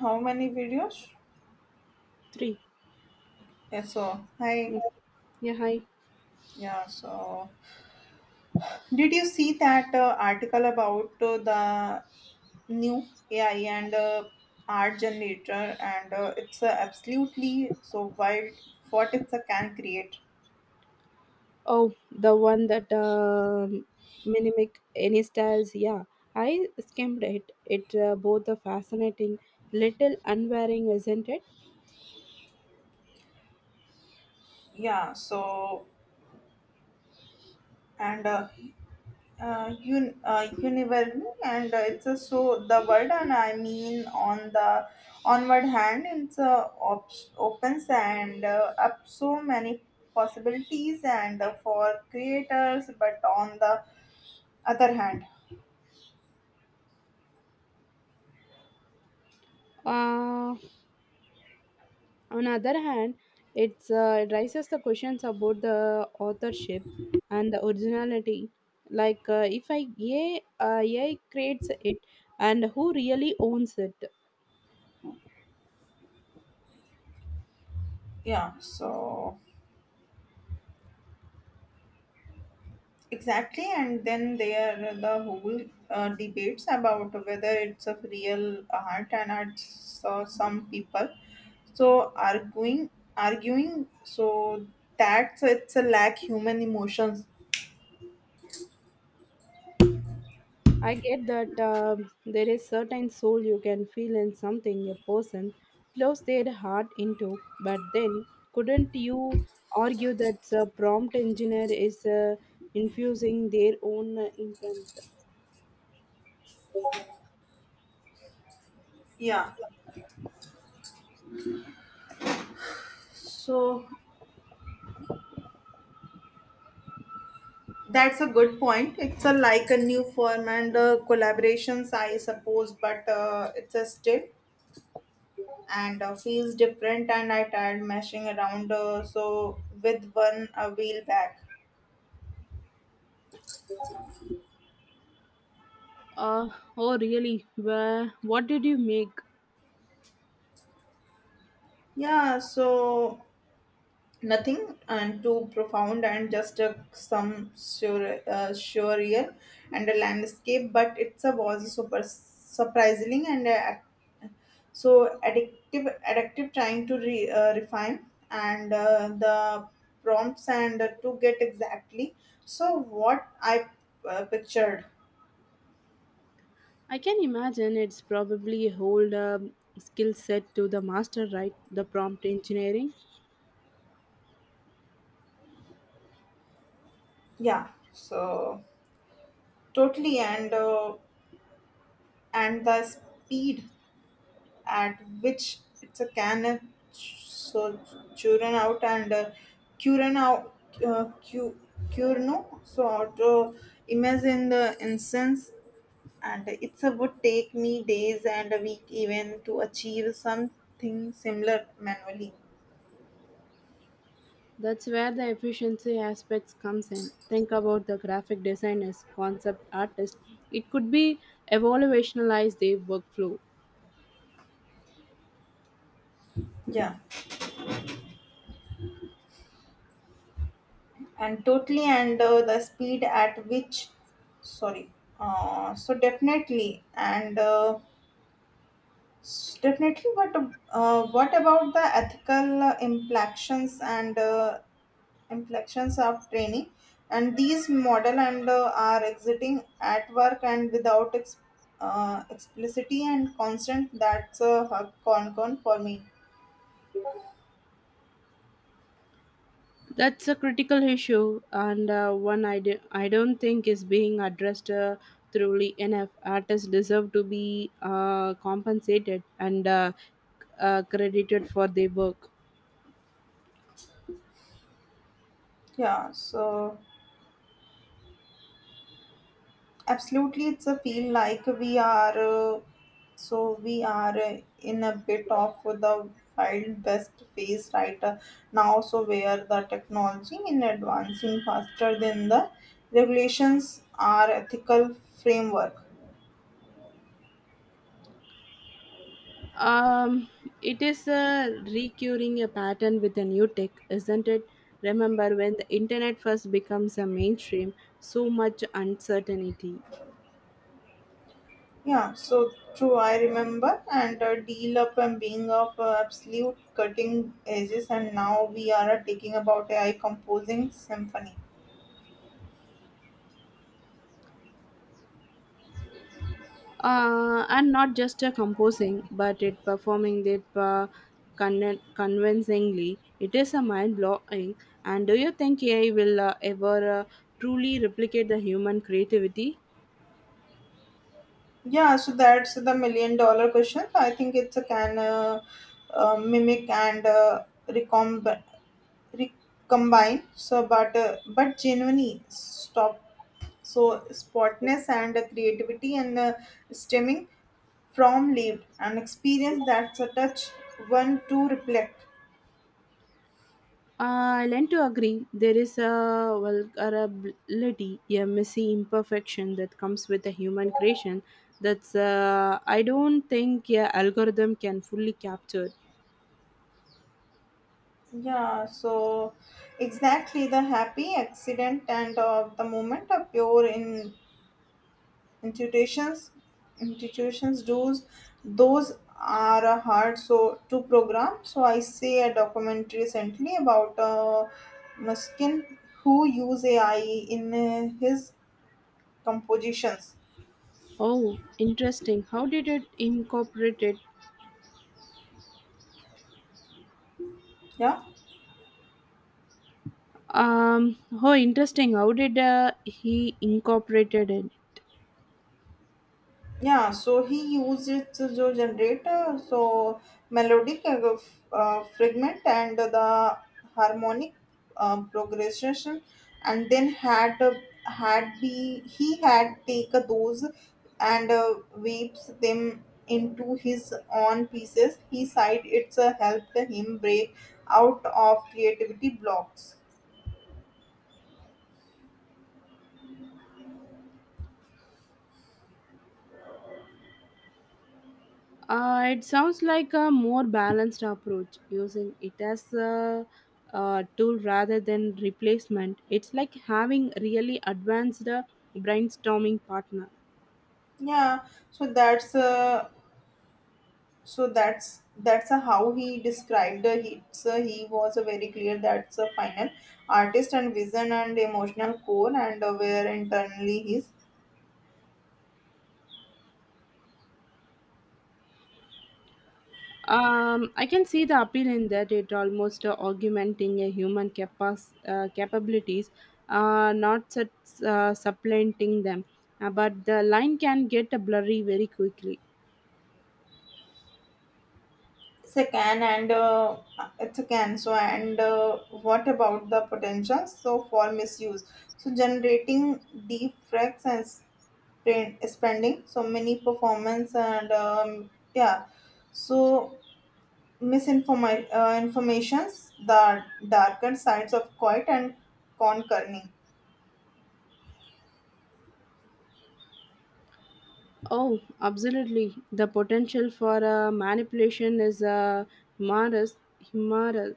How many videos? Three. Yeah, so hi. Yeah. Yeah. Hi. Yeah, so did you see that article about the new AI and art generator? And it's absolutely so wild what it's can create. Oh, the one that mimic any styles. Yeah, I skimmed it. It both are fascinating, little unwearing, isn't it? Yeah, so and universe and it's a so the word, and I mean on the onward hand it's opens and up so many possibilities and for creators, but on the other hand, Uh, on the other hand, it raises the questions about the authorship and the originality. Like, if I creates it, and who really owns it? yeah, so exactly, and then there are the whole debates about whether it's a real art, and I saw some people so arguing, so that's it's a lack human emotions. I get that there is certain soul you can feel in something a person close their heart into, but then couldn't you argue that the prompt engineer is infusing their own intent? Yeah, so that's a good point. It's a like a new form and collaborations, I suppose, but it's a still and feels different. And I tried mashing around, so with one wheel back. Uh, oh, really? Well, what did you make? Yeah, so nothing and too profound and just a some sure, surreal and a landscape, but it's a was super surprising and so addictive trying to refine and the prompts and to get exactly so what I pictured. I can imagine it's probably a whole skill set to the master, right? The prompt engineering. Yeah, so totally and the speed at which it's a can of so churn out and uh, churn out uh, cu- curno so auto imagine the instance, and it's a would take me days and a week even to achieve something similar manually. That's where the efficiency aspects comes in. Think about the graphic designers, concept artists. It could be evaluationalize their workflow. Yeah, and totally and the speed at which, sorry, so definitely definitely, but what about the ethical implications of training? And these model and are exiting at work and without explicitity and constant. That's a concern for me. That's a critical issue and one I don't think is being addressed thoroughly enough. Artists deserve to be compensated and credited for their work. Yeah. So absolutely, it's a feel like we are in a bit of the wild west phase right now. So where the technology is advancing faster than the regulations are ethical framework. Um, it is a recurring a pattern with a new tech, isn't it? Remember when the internet first becomes a mainstream, so much uncertainty. Yeah, so true. I remember and deal up and being of absolute cutting edges, and now we are taking about AI composing symphony. And not just a composing, but it performing it convincingly. It is a mind blowing. And do you think AI will ever truly replicate the human creativity? Yeah, so that's the million dollar question. I think it's a can mimic recombine. So, but genuinely stop. So, spotness and creativity and stemming from lived and experience that's a touch one to reflect. I learn to agree. There is a vulnerability, a messy imperfection that comes with a human creation. That's I don't think a algorithm can fully capture. Yeah, so exactly the happy accident and of the moment of pure in institutions institutions does those are hard so to program, so I see a documentary recently about Muskin who use AI in his compositions. Oh, interesting. How did it incorporate it? Yeah. Um. Oh, interesting. How did he incorporated it? Yeah, so he used it to jo generator, so melodic fragment and the harmonic progression, and then had had be he had take those and weaves them into his own pieces. He said it's helped him break out of creativity blocks. It sounds like a more balanced approach using it as a tool rather than replacement. It's like having really advanced brainstorming partner. Yeah, so that's So that's a how he described the hits. He was a very clear that's a final artist and vision and emotional core and where internally he's I can see the appeal in that it almost augmenting a human capabilities, not such, supplanting them. But the line can get blurry very quickly. it's a can and uh, it's a can. So and what about the potential? So for misuse. So generating deep tracks and spending so many performance and yeah. So informations, the darker sides of quiet and concerning. Oh, absolutely. The potential for manipulation is humorous, humorous,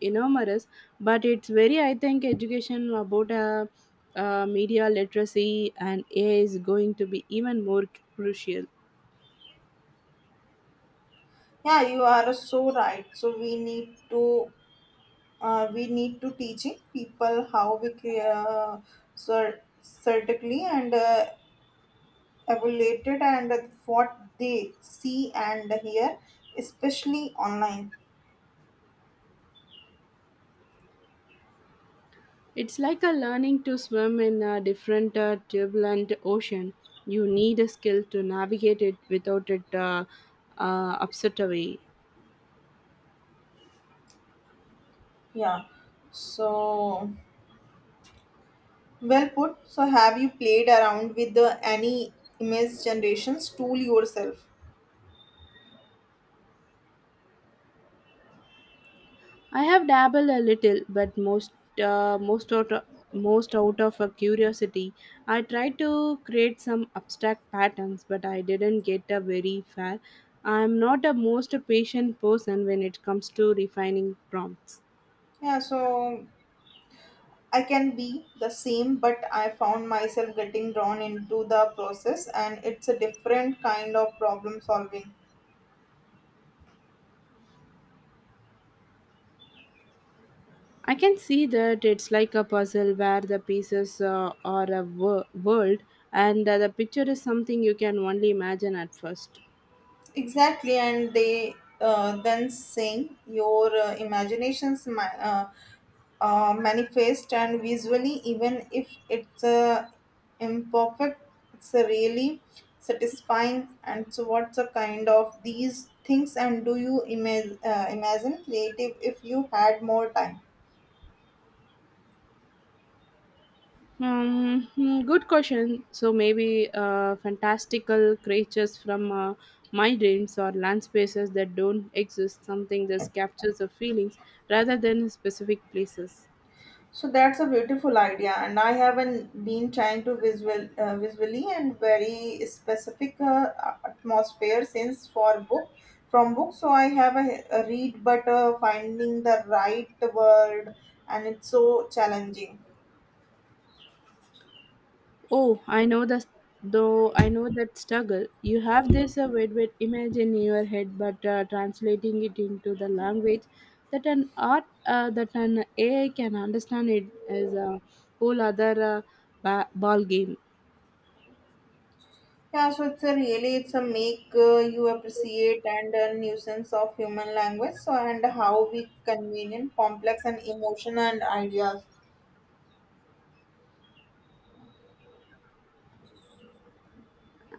enormous, but it's very, I think, education about media literacy and AI is going to be even more crucial. Yeah, you are so right. So we need to teaching people how we certainly and evaluate it and what they see and hear, especially online. It's like a learning to swim in a different turbulent ocean. You need a skill to navigate it without it upset away. Yeah. So well put. So have you played around with the any image generations tool yourself? I have dabbled a little, but uh, most out most out of a curiosity. I tried to create some abstract patterns, but I didn't get a very fair. I am not a most patient person when it comes to refining prompts. Yeah, so I can be the same, but I found myself getting drawn into the process, and it's a different kind of problem solving. I can see that it's like a puzzle where the pieces are a world, and the picture is something you can only imagine at first. Exactly, and they then saying your imaginations manifest and visually, even if it's imperfect, it's a really satisfying. And so, what's a kind of these things? And do you imagine creative if you had more time? Hmm, good question. So maybe fantastical creatures from my dreams or land spaces that don't exist, something that captures the feelings rather than specific places. So that's a beautiful idea, and I haven't been trying to visually and very specific atmosphere since for book from book. So I have a read, but finding the right word, and it's so challenging. Oh, I know that though I know that struggle. You have this vivid image in your head, but translating it into the language that an art that an AI can understand it is a whole other ball game. Yeah, so it's a really it's a make you appreciate and a nuisance of human language. So and how we convenient, complex, and emotion and ideas.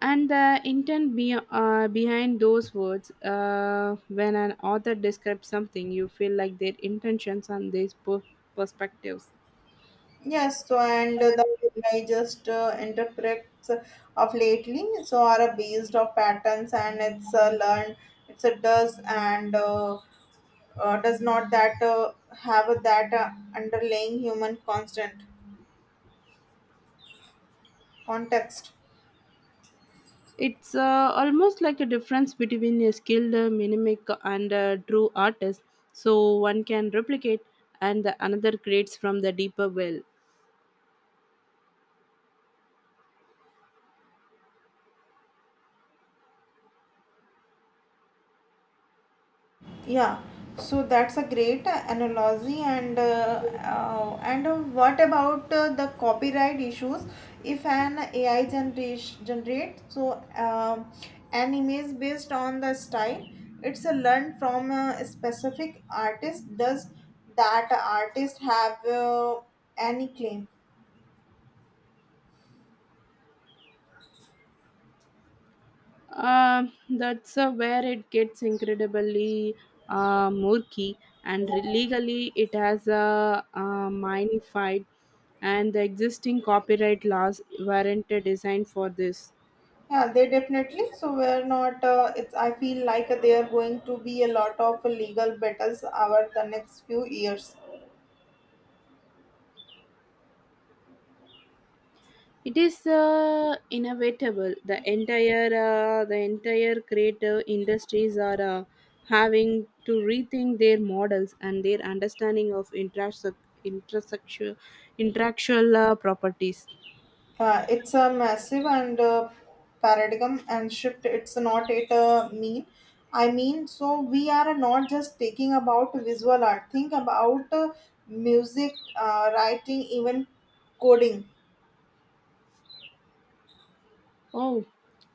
And the behind those words, when an author describes something, you feel like their intentions and their perspectives. Yes, so and the AI just interprets of lately, so are a based of patterns and it's learned, it's a does and does not that have that underlying human constant context. It's almost like a difference between a skilled mimic and a true artist. So one can replicate, and the another creates from the deeper well. Yeah, so that's a great analogy and what about the copyright issues? If an AI generation generate so uh, an image based on the style, it's a learned from a specific artist. Does that artist have any claim? That's where it gets incredibly murky, and legally it has a, minified, and the existing copyright laws weren't designed for this. Yeah, they definitely. So we're not. It's. I feel like they are going to be a lot of legal battles over the next few years. It is inevitable. The entire creative industries are having to rethink their models and their understanding of intersex- intersexual intellectual properties. It's a massive and paradigm and shift. It's not it mean. I mean, so we are not just taking about visual art. Think about music, writing, even coding. Oh,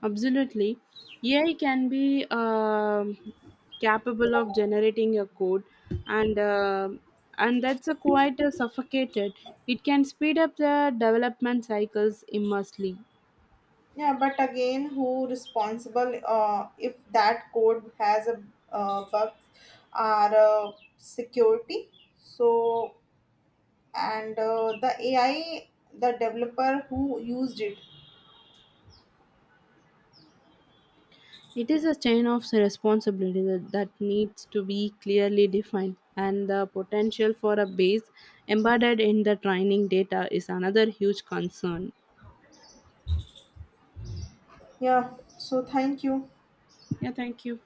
absolutely. AI can be capable of generating a code, and and that's a quite suffocated. It can speed up the development cycles immensely. Yeah, but again, who responsible if that code has a bug or security? So and the AI, the developer who used it. It is a chain of responsibility that needs to be clearly defined, and the potential for a base embedded in the training data is another huge concern. Yeah. So thank you. Yeah, thank you.